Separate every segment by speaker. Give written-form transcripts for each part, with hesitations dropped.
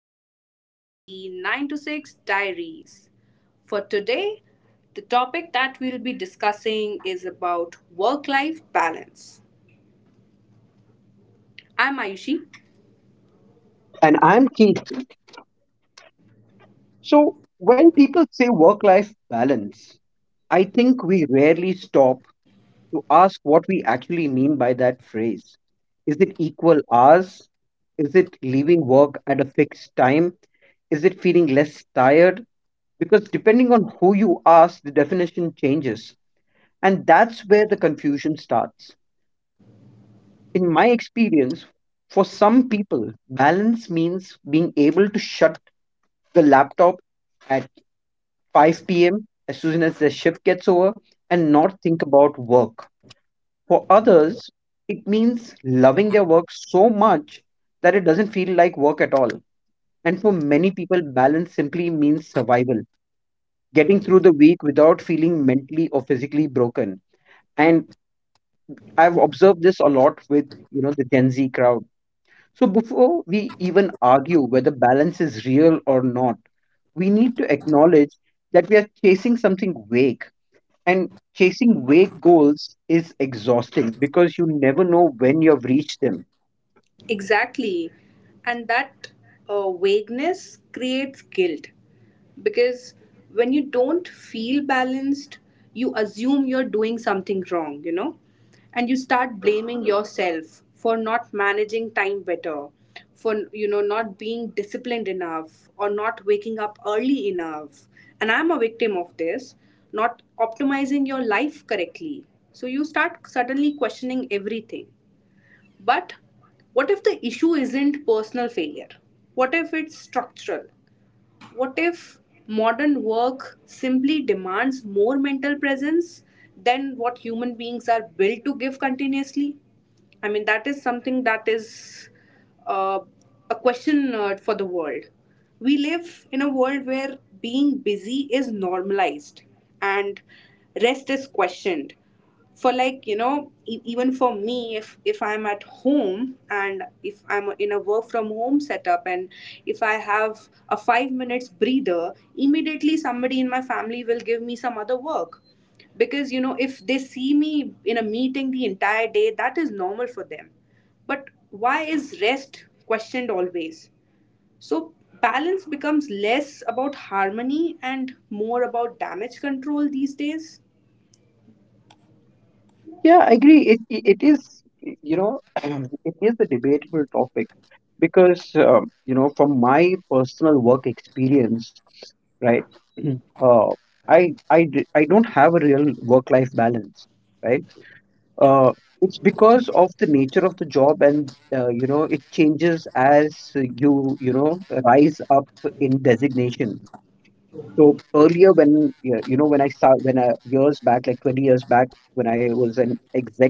Speaker 1: podcast, the 9 to 6 Diaries. For today, the topic that we'll be discussing is about work life balance. I'm Ayushi.
Speaker 2: And I'm Keith. So, when people say work life balance, I think we rarely stop to ask what we actually mean by that phrase. Is it equal hours? Is it leaving work at a fixed time? Is it feeling less tired? Because depending on who you ask, the definition changes. And that's where the confusion starts. In my experience, for some people, balance means being able to shut the laptop at 5 p.m. as soon as their shift gets over and not think about work. For others, it means loving their work so much that it doesn't feel like work at all. And for many people, balance simply means survival, getting through the week without feeling mentally or physically broken. And I've observed this a lot with, the Gen Z crowd. So before we even argue whether balance is real or not, we need to acknowledge that we are chasing something vague. And chasing vague goals is exhausting because you never know when you've reached them.
Speaker 1: Exactly. And that vagueness creates guilt because when you don't feel balanced, you assume you're doing something wrong, you know, and you start blaming yourself for not managing time better, for, you know, not being disciplined enough or not waking up early enough. And I'm a victim of this, not optimizing your life correctly. So you start suddenly questioning everything. But what if the issue isn't personal failure? What if it's structural? What if modern work simply demands more mental presence than what human beings are built to give continuously? I mean, that is something that is uh, a question for the world. We live in a world where being busy is normalized and rest is questioned. For, like, you know, even for me, if I'm at home and if I'm in a work from home setup, and if I have a 5 minutes breather, immediately somebody in my family will give me some other work, because you know, if they see me in a meeting the entire day, that is normal for them. But why is rest questioned always? So balance becomes less about harmony and more about damage control these days.
Speaker 2: Yeah, I agree. It is, you know, it is a debatable topic because, you know, from my personal work experience, right? Uh, I don't have a real work-life balance, right? Uh, it's because of the nature of the job, and you know it changes as you know rise up in designation. So earlier, when yeah, you know, when I start, when years back, like 20 years back, when I was an executive,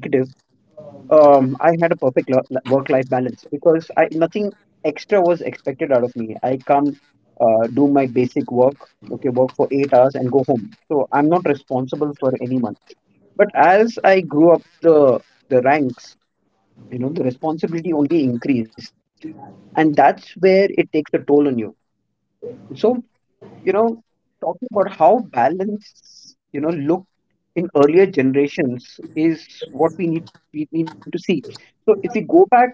Speaker 2: I had a work-life balance because I nothing extra was expected out of me. I come, do my basic work, okay, work for 8 hours and go home. So I'm not responsible for anyone. But as I grew up the ranks, you know, the responsibility only increased, and that's where it takes a toll on you. So you know, talking about how balance, you know, look in earlier generations is what we need to see. So if we go back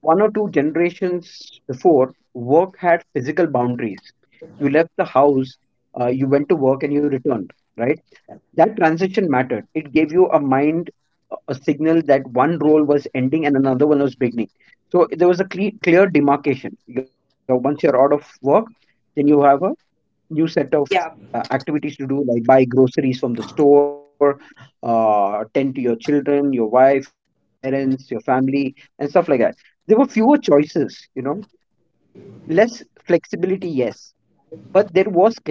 Speaker 2: one or two generations before, work had physical boundaries. You left the house, you went to work, and you returned. Right? That transition mattered. It gave you a signal that one role was ending and another one was beginning. So there was a clear demarcation. Once you're out of work, then you have a new set of
Speaker 1: Yeah.
Speaker 2: activities to do, like buy groceries from the store, tend to your children, your wife, your parents, your family, and stuff like that. There were fewer choices, you know, less flexibility, yes, but there was clarity,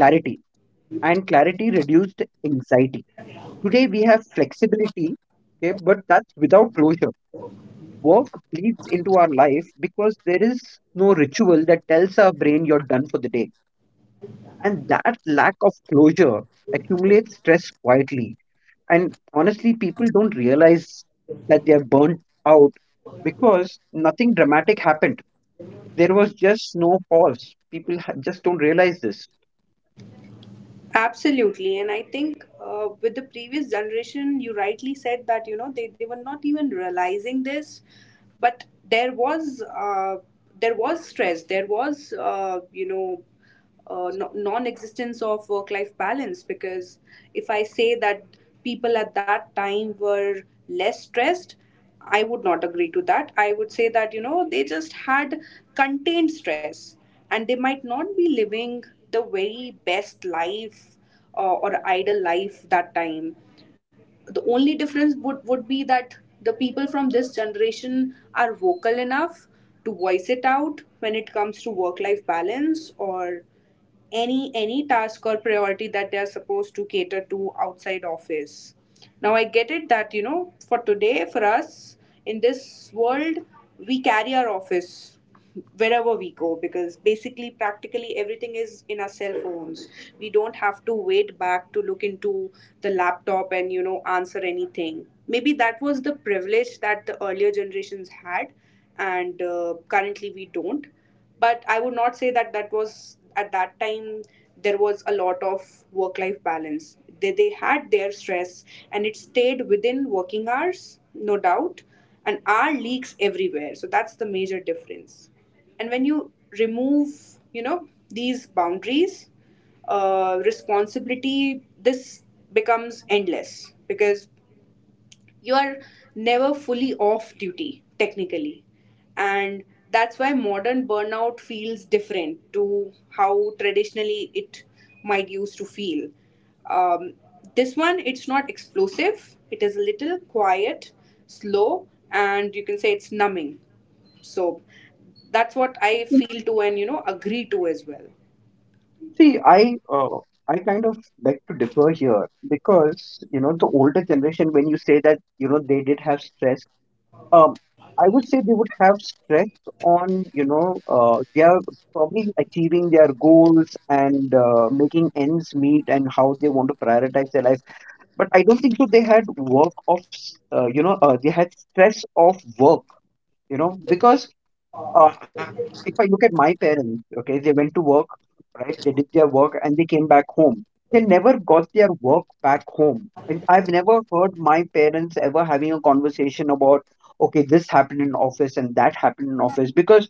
Speaker 2: and clarity reduced anxiety. Today we have flexibility, okay, but that's without closure. Work bleeds into our life because there is no ritual that tells our brain you're done for the day. And that lack of closure accumulates stress quietly. And honestly, people don't realize that they are burnt out because nothing dramatic happened. There was just no pause. Just don't realize this.
Speaker 1: Absolutely. And I think, with the previous generation, you rightly said that, you know, they were not even realizing this, but there was, uh, there was stress, there was, non-existence of work-life balance. Because if I say that people at that time were less stressed, I would not agree to that. I would say that, you know, they just had contained stress, and they might not be living the very best life, or ideal life, that time. The only difference would be that the people from this generation are vocal enough to voice it out when it comes to work life balance or any task or priority that they are supposed to cater to outside office. Now I get it that, you know, for today, for us in this world, we carry our office wherever we go, because basically practically everything is in our cell phones. We don't have to wait back to look into the laptop and, you know, answer anything. Maybe that was the privilege that the earlier generations had, and currently we don't. But I would not say that, that was at that time there was a lot of work life balance. They had their stress, and it stayed within working hours, no doubt. And our leaks everywhere, so that's the major difference. And when you remove, you know, these boundaries, responsibility, this becomes endless because you are never fully off duty technically. And that's why modern burnout feels different to how traditionally it might used to feel. um, this one, it's not explosive, it is a little quiet, slow, and you can say it's numbing. So that's what I feel to, and, you know, agree to as well.
Speaker 2: See, I I kind of beg to differ here, because you know the older generation, when you say that you know they did have stress, um, I would say they would have stress on, you know, they are probably achieving their goals and making ends meet, and how they want to prioritize their life. But I don't think so they had work of, s- you know, they had stress of work, you know, because if I look at my parents, okay, they went to work, right? They did their work and they came back home. They never got their work back home. And I've never heard my parents ever having a conversation about, okay, this happened in office and that happened in office, because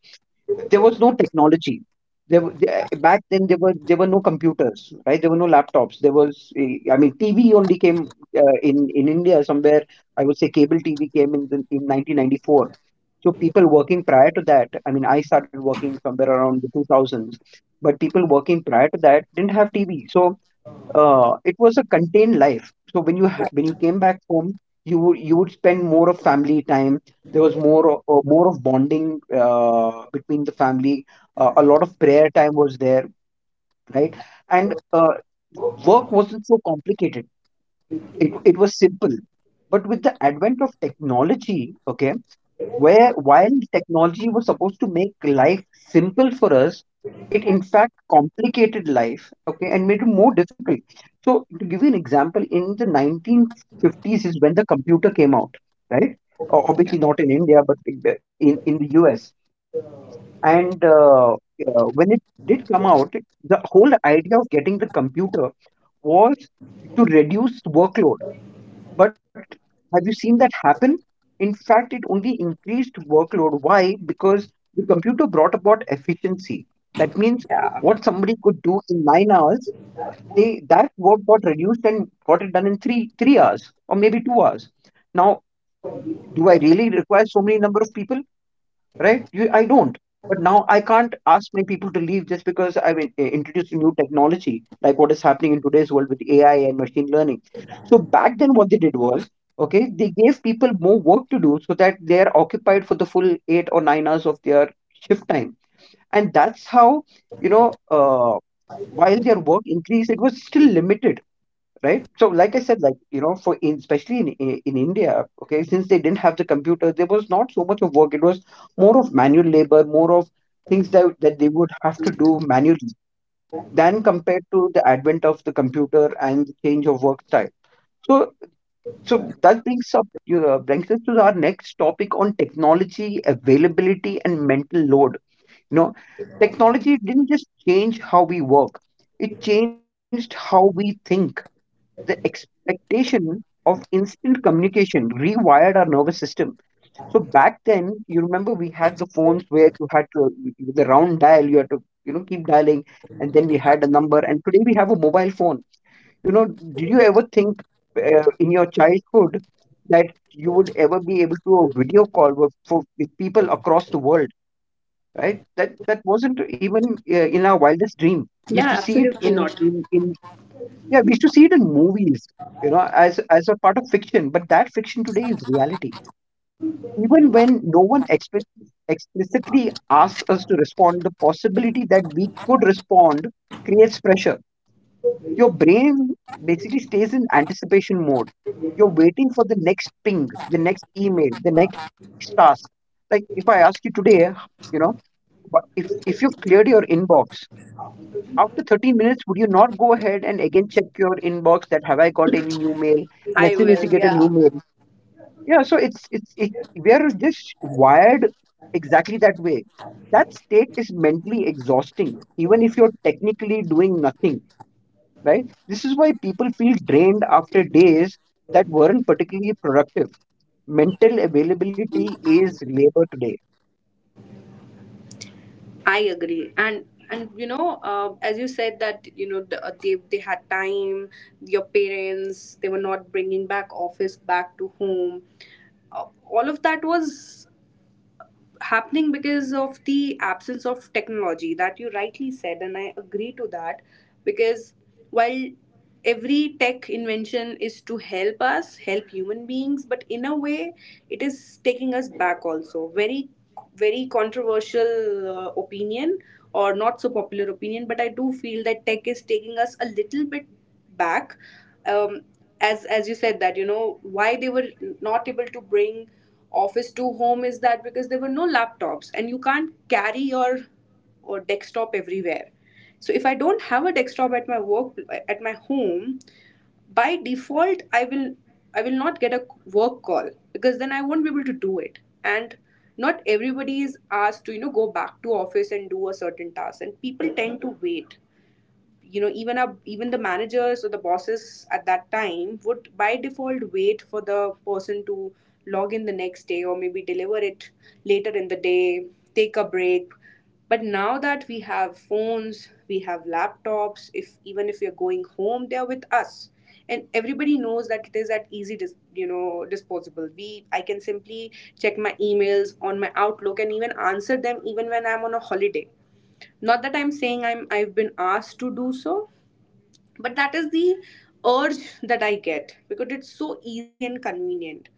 Speaker 2: there was no technology. Back then, there were no computers, right? There were no laptops. There was, I mean, TV only came in India somewhere. I would say cable TV came in in 1994, so people working prior to that, I mean, I started working somewhere around the 2000s, but people working prior to that didn't have TV. So it was a contained life. So when you came back home, you would spend more of family time. There was more of bonding between the family. A lot of prayer time was there, right? And work wasn't so complicated. It was simple. But with the advent of technology, okay, where while technology was supposed to make life simple for us, it in fact complicated life, okay, and made it more difficult. So to give you an example, in the 1950s is when the computer came out, right? Obviously not in India, but in in the US. And When it did come out, the whole idea of getting the computer was to reduce workload. But have you seen that happen? In fact, it only increased workload. Why? Because the computer brought about efficiency. That means what somebody could do in 9 hours, they that work got reduced and got it done in three hours or maybe 2 hours. Now, do I really require so many number of people? Right? I don't. But now I can't ask my people to leave just because I've introduced a new technology, like what is happening in today's world with AI and machine learning. So back then, what they did was, okay, they gave people more work to do so that they're occupied for the full 8 or 9 hours of their shift time. And that's how, you know, while their work increased, it was still limited. Right, so like I said, like you know, for especially in in India, okay, since they didn't have the computer, there was not so much of work. It was more of manual labor, more of things that they would have to do manually, than compared to the advent of the computer and the change of work style. So so that brings us to our next topic on technology, availability, and mental load. You know, technology didn't just change how we work, it changed how we think. The expectation of instant communication rewired our nervous system. So back then, you remember we had the phones where you had to, with the round dial, you had to you know keep dialing, and then we had a number. And today we have a mobile phone. You know, did you ever think in your childhood that you would ever be able to a video call with people across the world? Right? That that wasn't even in our wildest dream. We used
Speaker 1: Yeah,
Speaker 2: to see it
Speaker 1: absolutely not.
Speaker 2: in, yeah, we used to see it in movies, you know, as a part of fiction, but that fiction today is reality. Even when no one explicitly asks us to respond, the possibility that we could respond creates pressure. Your brain basically stays in anticipation mode. You're waiting for the next ping, the next email, the next task. Like if I ask you today, you know, but if you've cleared your inbox, after 30 minutes, would you not go ahead and again check your inbox that have I got any new mail? And as
Speaker 1: I
Speaker 2: soon as you
Speaker 1: will,
Speaker 2: get a new
Speaker 1: yeah.
Speaker 2: mail, yeah, so we are just wired exactly that way. That state is mentally exhausting, even if you're technically doing nothing, right? This is why people feel drained after days that weren't particularly productive. Mental availability is labor today.
Speaker 1: I agree. And you know, as you said that, you know, the, they had time. Your parents, they were not bringing back office back to home. All of that was happening because of the absence of technology, that you rightly said, and I agree to that. Because while every tech invention is to help us, help human beings, but in a way, it is taking us back also. Very, very controversial opinion, or not so popular opinion, but I do feel that tech is taking us a little bit back. um, as you said that, you know, why they were not able to bring office to home, is that because there were no laptops, and you can't carry your or desktop everywhere. So if I don't have a desktop at my work, at my home, by default I will I will not get a work call, because then I won't be able to do it. And not everybody is asked to, you know, go back to office and do a certain task, and people tend to wait, you know. Even our, even the managers or the bosses at that time would by default wait for the person to log in the next day, or maybe deliver it later in the day, take a break. But now that we have phones, we have laptops, if even if we are going home, they are with us. And everybody knows that it is at easy you know, disposable. We I can simply check my emails on my Outlook and even answer them, even when I'm on a holiday. Not that I'm saying I'm, I've been asked to do so, but that is the urge that I get because it's so easy and convenient.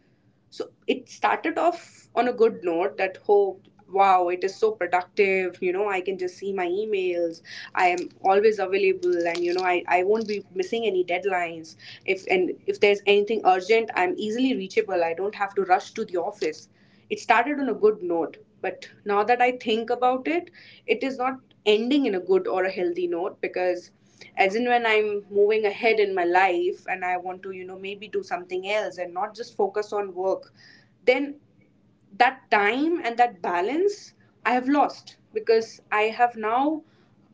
Speaker 1: So it started off on a good note that, oh wow, it is so productive, you know, I can just see my emails, I am always available, and you know, I won't be missing any deadlines, if, and if there's anything urgent, I'm easily reachable, I don't have to rush to the office. It started on a good note, but now that I think about it, it is not ending in a good or a healthy note. Because as in when I'm moving ahead in my life, and I want to, you know, maybe do something else and not just focus on work, then that time and that balance I have lost, because I have now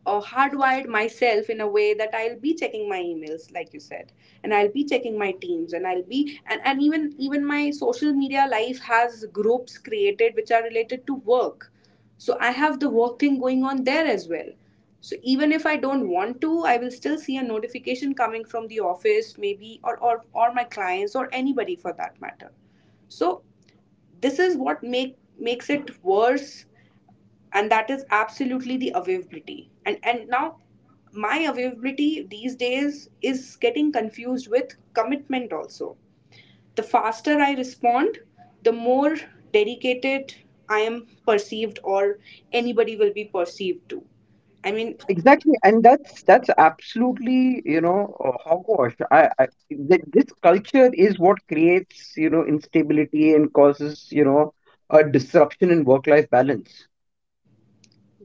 Speaker 1: hardwired myself in a way that I'll be checking my emails, like you said, and I'll be checking my teams, and I'll be, and even my social media life has groups created which are related to work. So I have the work thing going on there as well. So even if I don't want to, I will still see a notification coming from the office, maybe, or my clients or anybody for that matter. So this is what makes it worse. And that is absolutely the availability, and now my availability these days is getting confused with commitment also. The faster I respond, the more dedicated I am perceived, or anybody will be perceived to, I mean.
Speaker 2: Exactly, and that's absolutely, you know, hogwash. This culture is what creates, you know, instability and causes, you know, a disruption in work-life balance.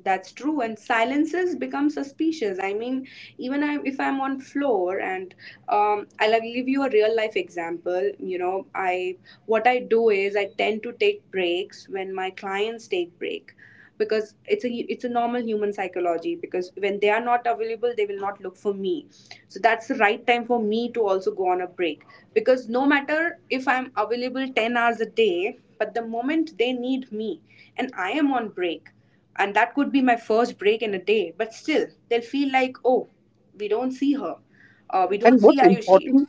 Speaker 1: That's true, and silences become suspicious. I mean, even I, if I'm on floor, and I'll give you a real life example. You know, I, what I do is I tend to take breaks when my clients take break, because it's a normal human psychology. Because when they are not available, they will not look for me. So that's the right time for me to also go on a break. Because no matter if I'm available 10 hours a day, but the moment they need me, and I am on break. And that could be my first break in a day, but still, they'll feel like, oh, we don't see her. We don't
Speaker 2: And
Speaker 1: see
Speaker 2: what's
Speaker 1: Ayushi.
Speaker 2: important,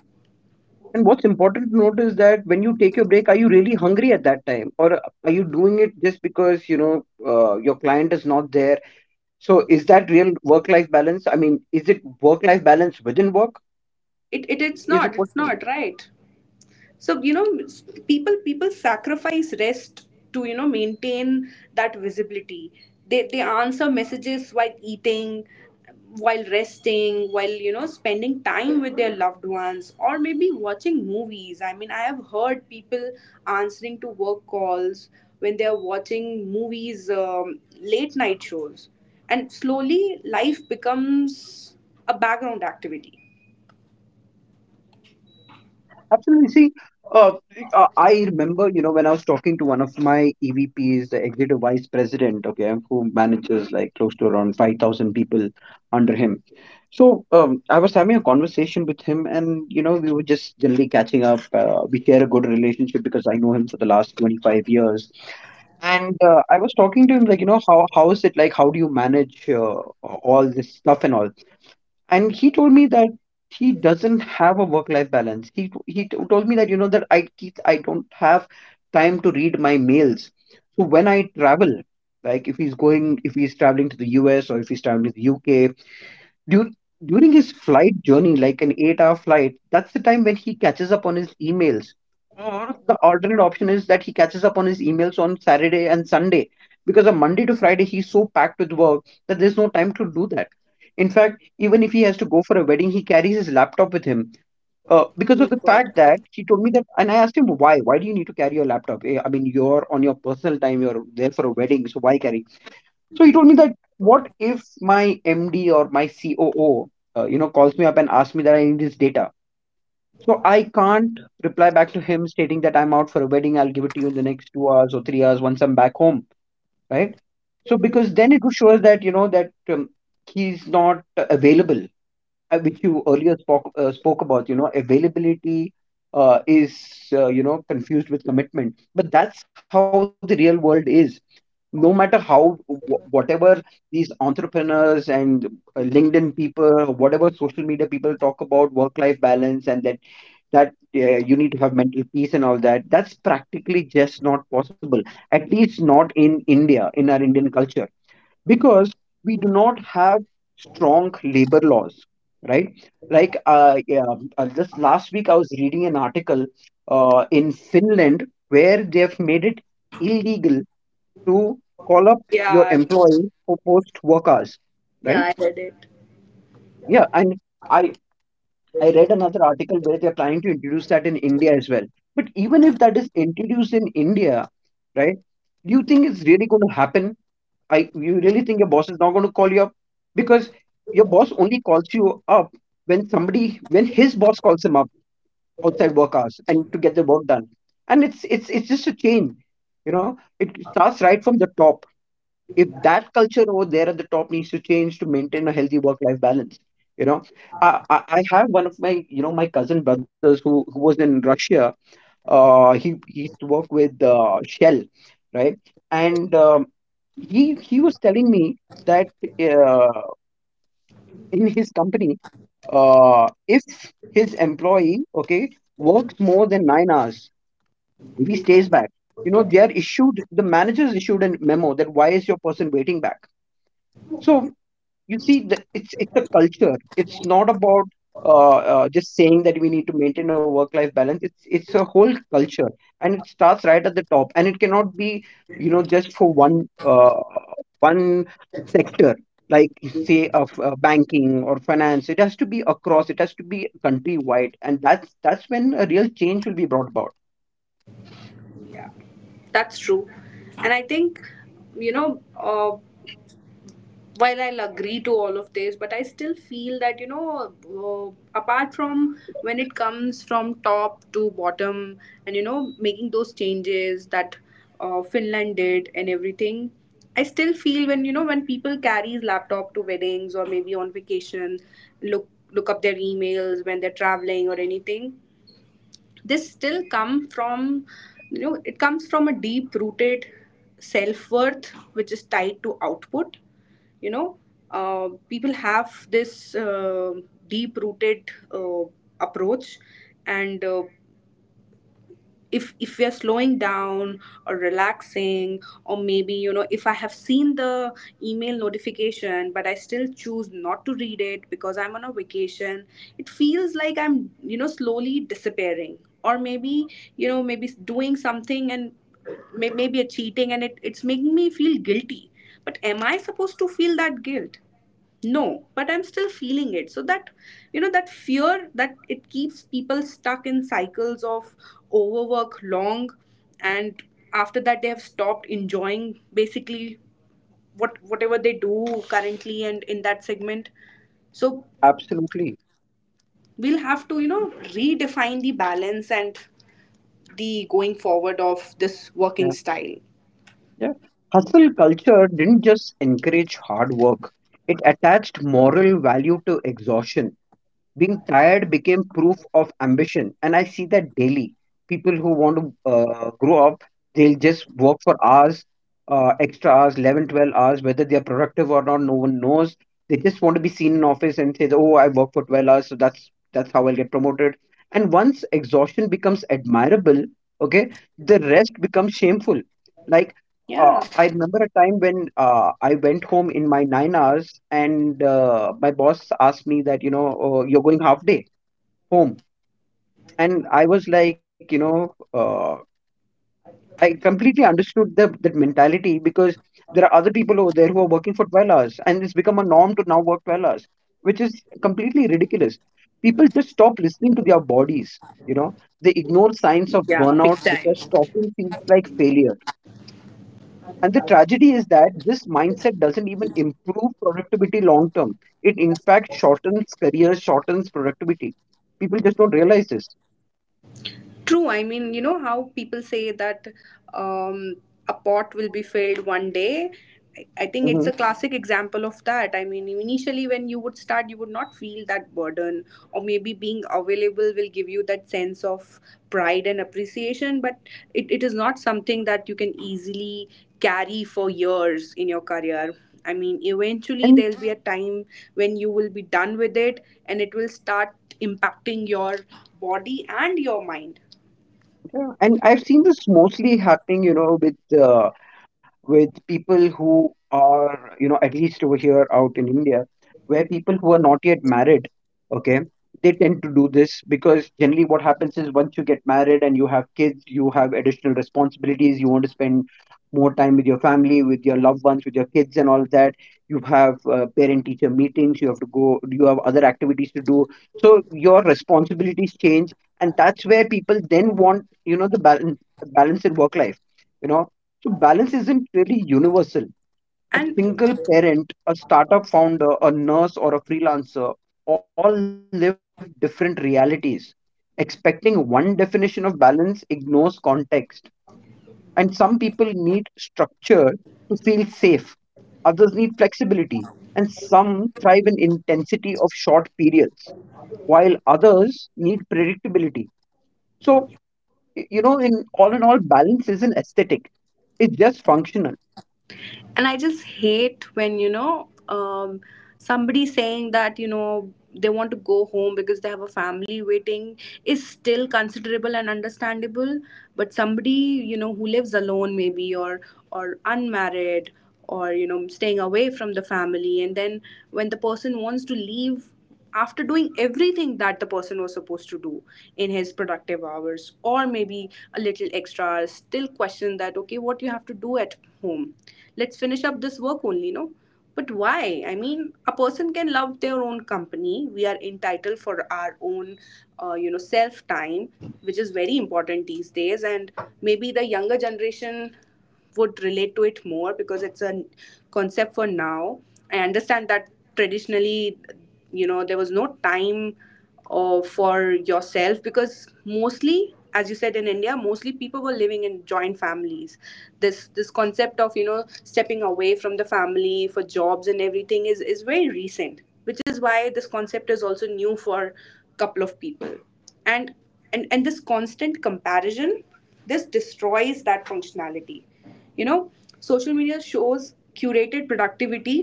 Speaker 2: to note is that when you take your break, are you really hungry at that time, or are you doing it just because, you know, your client is not there? So is that real work-life balance? I mean, is it work-life balance within work?
Speaker 1: It's
Speaker 2: Is a
Speaker 1: not, it's
Speaker 2: question.
Speaker 1: not, right? So, you know, people sacrifice rest to, you know, maintain that visibility. They answer messages while eating, while resting, while, you know, spending time with their loved ones, or maybe watching movies. I mean, I have heard people answering to work calls when they are watching movies, late night shows. And slowly life becomes a background activity.
Speaker 2: Absolutely. See, uh, I remember, you know, when I was talking to one of my EVPs, the executive vice president, okay, who manages like close to around 5,000 people under him. So I was having a conversation with him, and you know, we were just generally catching up. We share a good relationship because I know him for the last 25 years. And I was talking to him like, you know, how is it like? How do you manage all this stuff and all? And he told me that he doesn't have a work life balance. He told me that, you know, that I don't have time to read my mails. So when I travel, like if he's going if he's traveling to the US, or if he's traveling to the UK, Dur- during his flight journey, like an 8-hour flight, that's the time when he catches up on his emails. Or the alternate option is that he catches up on his emails on Saturday and Sunday, because on Monday to Friday he's so packed with work that there's no time to do that. In fact, even if he has to go for a wedding, he carries his laptop with him, because of
Speaker 1: Oh
Speaker 2: the
Speaker 1: God.
Speaker 2: fact that he told me that. And I asked him, why? Why do you need to carry your laptop? I mean, you're on your personal time, you're there for a wedding, so why carry? So he told me, that what if my MD or my COO, calls me up and asks me that I need this data. So I can't reply back to him stating that I'm out for a wedding. I'll give it to you in the next 2 hours or 3 hours once I'm back home, right? So because then it would show us that you know that he's not available, which you earlier spoke about. You know, availability is, confused with commitment. But that's how the real world is, no matter whatever these entrepreneurs and linkedin people, whatever social media people talk about work life balance, and that that you need to have mental peace and all that, that's practically just not possible, at least not in india, in our indian culture, because we do not have strong labor laws, right? Like, yeah, just last week I was reading an article, in finland, where they have made it illegal to call up your
Speaker 1: Yeah.
Speaker 2: employee for post work hours, right? Yeah, and I I read another article where they're planning to introduce that in India as well. But even if that is introduced in India, right? Do you think it's really going to happen? I you really think your boss is not going to call you up? Because your boss only calls you up when somebody, when his boss calls him up outside work hours, and to get the work done. And it's just a chain, you know. It starts right from the top. If that culture over there at the top needs to change to maintain a healthy work life balance, you know, I have one of my you know my cousin brothers who was in russia. He used to work with shell, right? And he was telling me that, uh, in his company, if his employee, okay, works more than 9 hours, if he stays back, you know, they are issued the managers issued a memo, that why is your person waiting back? So you see, it's a culture, it's not about just saying that we need to maintain a work life balance. It's a whole culture, and it starts right at the top, and it cannot be, you know, just for uh, one sector, like say of banking or finance. It has to be across, it has to be countrywide, and that's when a real change will be brought about.
Speaker 1: That's true. And I think, you know, while I'll agree to all of this, but I still feel that, you know, apart from when it comes from top to bottom, and, you know, making those changes that Finland did and everything, I still feel when, you know, when people carries laptop to weddings or maybe on vacation, look look up their emails when they're traveling or anything, this still come from, you know, it comes from a deep rooted self worth, which is tied to output, you know. People have this deep rooted approach. And if we are slowing down or relaxing, or maybe, you know, if I have seen the email notification but I still choose not to read it because I'm on a vacation, it feels like I'm, you know, slowly disappearing, or maybe, you know, maybe doing something, and maybe a cheating, and it's making me feel guilty. But am I supposed to feel that guilt? No, but I'm still feeling it. So that, you know, that fear that it keeps people stuck in cycles of overwork long. And after that they have stopped enjoying basically whatever they do currently and in that segment. So
Speaker 2: Absolutely.
Speaker 1: we'll have to, you know, redefine the balance and the going forward of this working
Speaker 2: Yeah.
Speaker 1: style.
Speaker 2: Yeah. Hustle culture didn't just encourage hard work, it attached moral value to exhaustion. Being tired became proof of ambition. And I see that daily. People who want to grow up, they'll just work for hours, extra hours, 11, 12 hours, whether they're productive or not, no one knows. They just want to be seen in office and say that, oh, I work for 12 hours, so that's how I'll get promoted. And once exhaustion becomes admirable, okay, the rest becomes shameful. Like,
Speaker 1: Yeah.
Speaker 2: I remember a time when, I went home in my 9 hours, and my boss asked me that, you know, you're going half day home. And I was like, you know, I completely understood that mentality, because there are other people over there who are working for 12 hours, and it's become a norm to now work 12 hours, which is completely ridiculous. People just stop listening to their bodies, you know, they ignore signs of
Speaker 1: Yeah, big
Speaker 2: burnout
Speaker 1: time.
Speaker 2: because stopping feels like failure. And the tragedy is that this mindset doesn't even improve productivity long term. It, in fact, shortens careers, shortens productivity. People just don't realize this.
Speaker 1: True. I mean, you know how people say that um, a pot will be filled one day. I think
Speaker 2: Hmm.
Speaker 1: it's a classic example of that. I mean, initially when you would start, you would not feel that burden, or maybe being available will give you that sense of pride and appreciation, but it is not something that you can easily carry for years in your career. I mean, eventually
Speaker 2: And
Speaker 1: there'll be a time when you will be done with it and it will start impacting your body and your mind.
Speaker 2: yeah, and I've seen this mostly happening, you know, with people who are, you know, at least over here out in India, where people who are not yet married, okay, they tend to do this because generally what happens is, once you get married and you have kids, you have additional responsibilities, you want to spend more time with your family, with your loved ones, with your kids, and all that. You have parent teacher meetings, you have to go, you have other activities to do. So your responsibilities change, and that's where people then want, you know, the balance, balance in work life. You know, so balance isn't really universal. A
Speaker 1: and
Speaker 2: single parent, a startup founder, a nurse, or a freelancer all live different realities. Expecting one definition of balance ignores context. And some people need structure to feel safe, others need flexibility, and some thrive in intensity of short periods, while others need predictability. So, you know, in all, balance isn't aesthetic, it's just functional.
Speaker 1: and I just hate when, you know, somebody saying that, you know, they want to go home because they have a family waiting is still considerable and understandable. But somebody, you know, who lives alone maybe, or unmarried, or you know, staying away from the family, and then when the person wants to leave after doing everything that the person was supposed to do in his productive hours, or maybe a little extra, still question that, okay, what you have to do at home, let's finish up this work only. No, but why? I mean, a person can love their own company. We are entitled for our own, you know, self time, which is very important these
Speaker 2: Anytime.
Speaker 1: days. And maybe the younger generation would relate to it more because it's a concept for now. I understand that traditionally, you know, there was no time for yourself, because mostly, as you said, in India, mostly people were living in joint families. This concept of, you know, stepping away from the family for jobs and everything is very recent, which is why this concept is also new for a couple of people. And and and this constant comparison, this destroys that functionality, you know. Social media shows curated productivity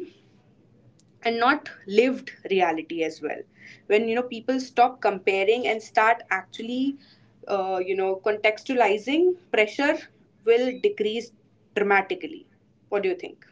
Speaker 1: and not lived reality as well. When, you know, people stop comparing and start actually, you know, contextualizing, pressure will decrease dramatically. What do you think?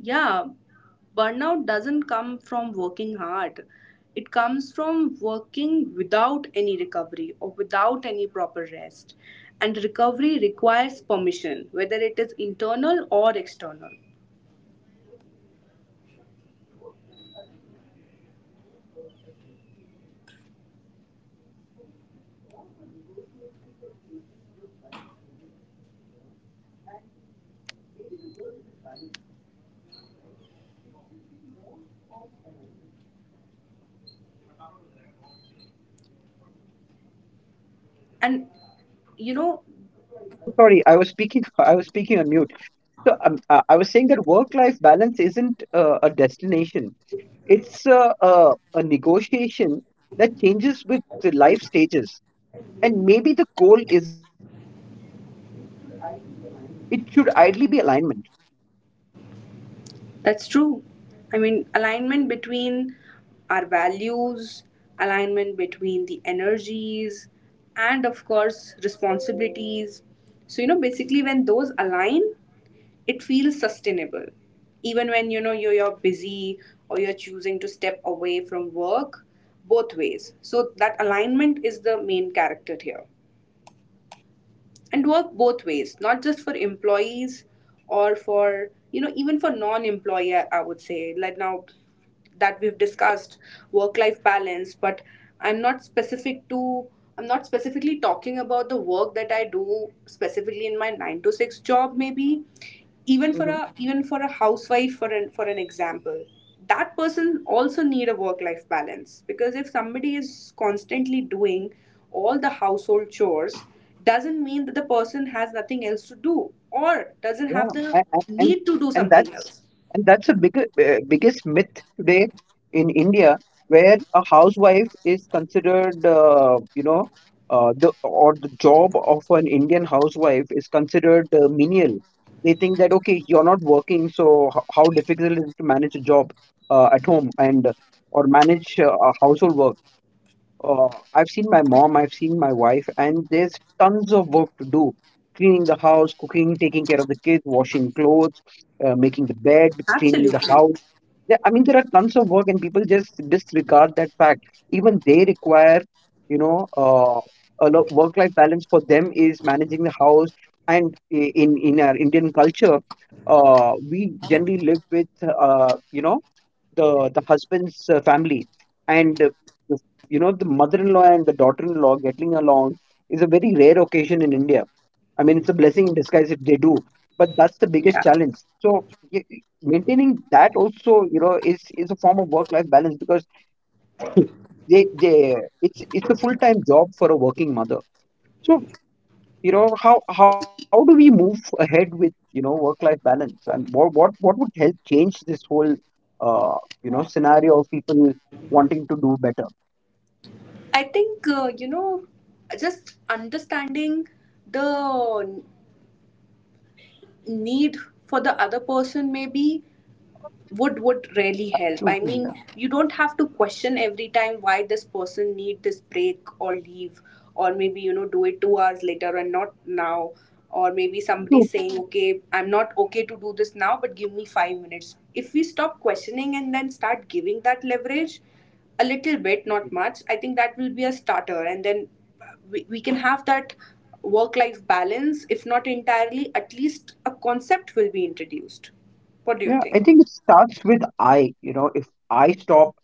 Speaker 1: Yeah, burnout doesn't come from working hard. It comes from working without any recovery or without any proper rest. And recovery requires permission, whether it is internal or external. And you know,
Speaker 2: Oh, sorry, I was speaking. I was speaking on mute. So I was saying that work-life balance isn't a destination. It's a negotiation that changes with the life stages, and maybe the goal isn't balance. It should ideally be alignment.
Speaker 1: that's true. I mean, alignment between our values, alignment between the energies, and of course, responsibilities. So, you know, basically, when those align, it feels sustainable, even when, you know, you're busy or you're choosing to step away from work. Both ways, so that alignment is the main character here. And work both ways, not just for employees or for, you know, even for non-employer, I would say. Like, now that we've discussed work life balance, but I'm not specific to, I'm not specifically talking about the work that I do specifically in my 9 to 6 job. Maybe even for a
Speaker 2: Mm-hmm.
Speaker 1: even for a housewife, for an example, that person also need a work life balance. Because if somebody is constantly doing all the household chores, doesn't mean that the person has nothing else to do, or doesn't
Speaker 2: Yeah,
Speaker 1: have the
Speaker 2: a- a- and
Speaker 1: need to do
Speaker 2: and
Speaker 1: something
Speaker 2: that's
Speaker 1: else.
Speaker 2: and that's a big biggest myth today in India, where a housewife is considered, the job of an Indian housewife is considered menial. They think that, okay, you're not working, so how difficult it is to manage a job at home, and or manage a household work. Uh, I've seen my mom, I've seen my wife, and there's tons of work to do. Cleaning the house, cooking, taking care of the kids, washing clothes, making the bed, cleaning the
Speaker 1: Absolutely.
Speaker 2: house. There, I mean, there are tons of work, and people just disregard that fact. Even they require, you know, work-life balance for them is managing the house. And in our Indian culture, we generally live with, the husband's family, and the- the mother-in-law and the daughter-in-law getting along is a very rare occasion in India. I mean, it's a blessing in disguise if they do, but that's the
Speaker 1: Yeah,
Speaker 2: biggest challenge. So maintaining that also, you know, is a form of work-life balance, because they it's a full-time job for a working mother. So, you know, how do we move ahead with, work life balance, and what what would help change this whole, uh, scenario of people wanting to do better?
Speaker 1: I think, you know, just understanding the need for the other person maybe would really help.
Speaker 2: Mhm.
Speaker 1: I mean,
Speaker 2: Yeah,
Speaker 1: you don't have to question every time why this person need this break or leave, or maybe, you know, do it 2 hours later and not now. Or maybe somebody
Speaker 2: so,
Speaker 1: saying, okay, I'm not okay to do this now, but give me 5 minutes. If we stop questioning and then start giving that leverage a little bit, not much, I think that will be a starter. And then we can have that work life balance, if not entirely, at least a concept will be introduced. What do you
Speaker 2: yeah,
Speaker 1: think?
Speaker 2: I think it starts with, I you know, if I stop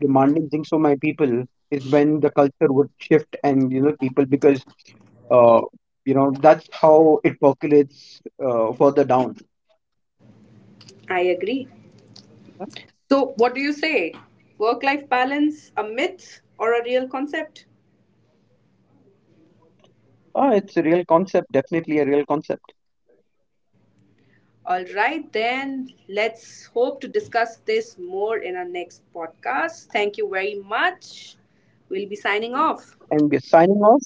Speaker 2: demanding things from my people is when the culture would shift. And you know, people, because, uh, you know, that's how it percolates, further down.
Speaker 1: I agree. So, what do you say? Work life balance, a myth or a real concept?
Speaker 2: Oh, it's a real concept, definitely a real concept.
Speaker 1: All right, then let's hope to discuss this more in our next podcast. Thank you very much. We'll be signing off.
Speaker 2: And we're signing off.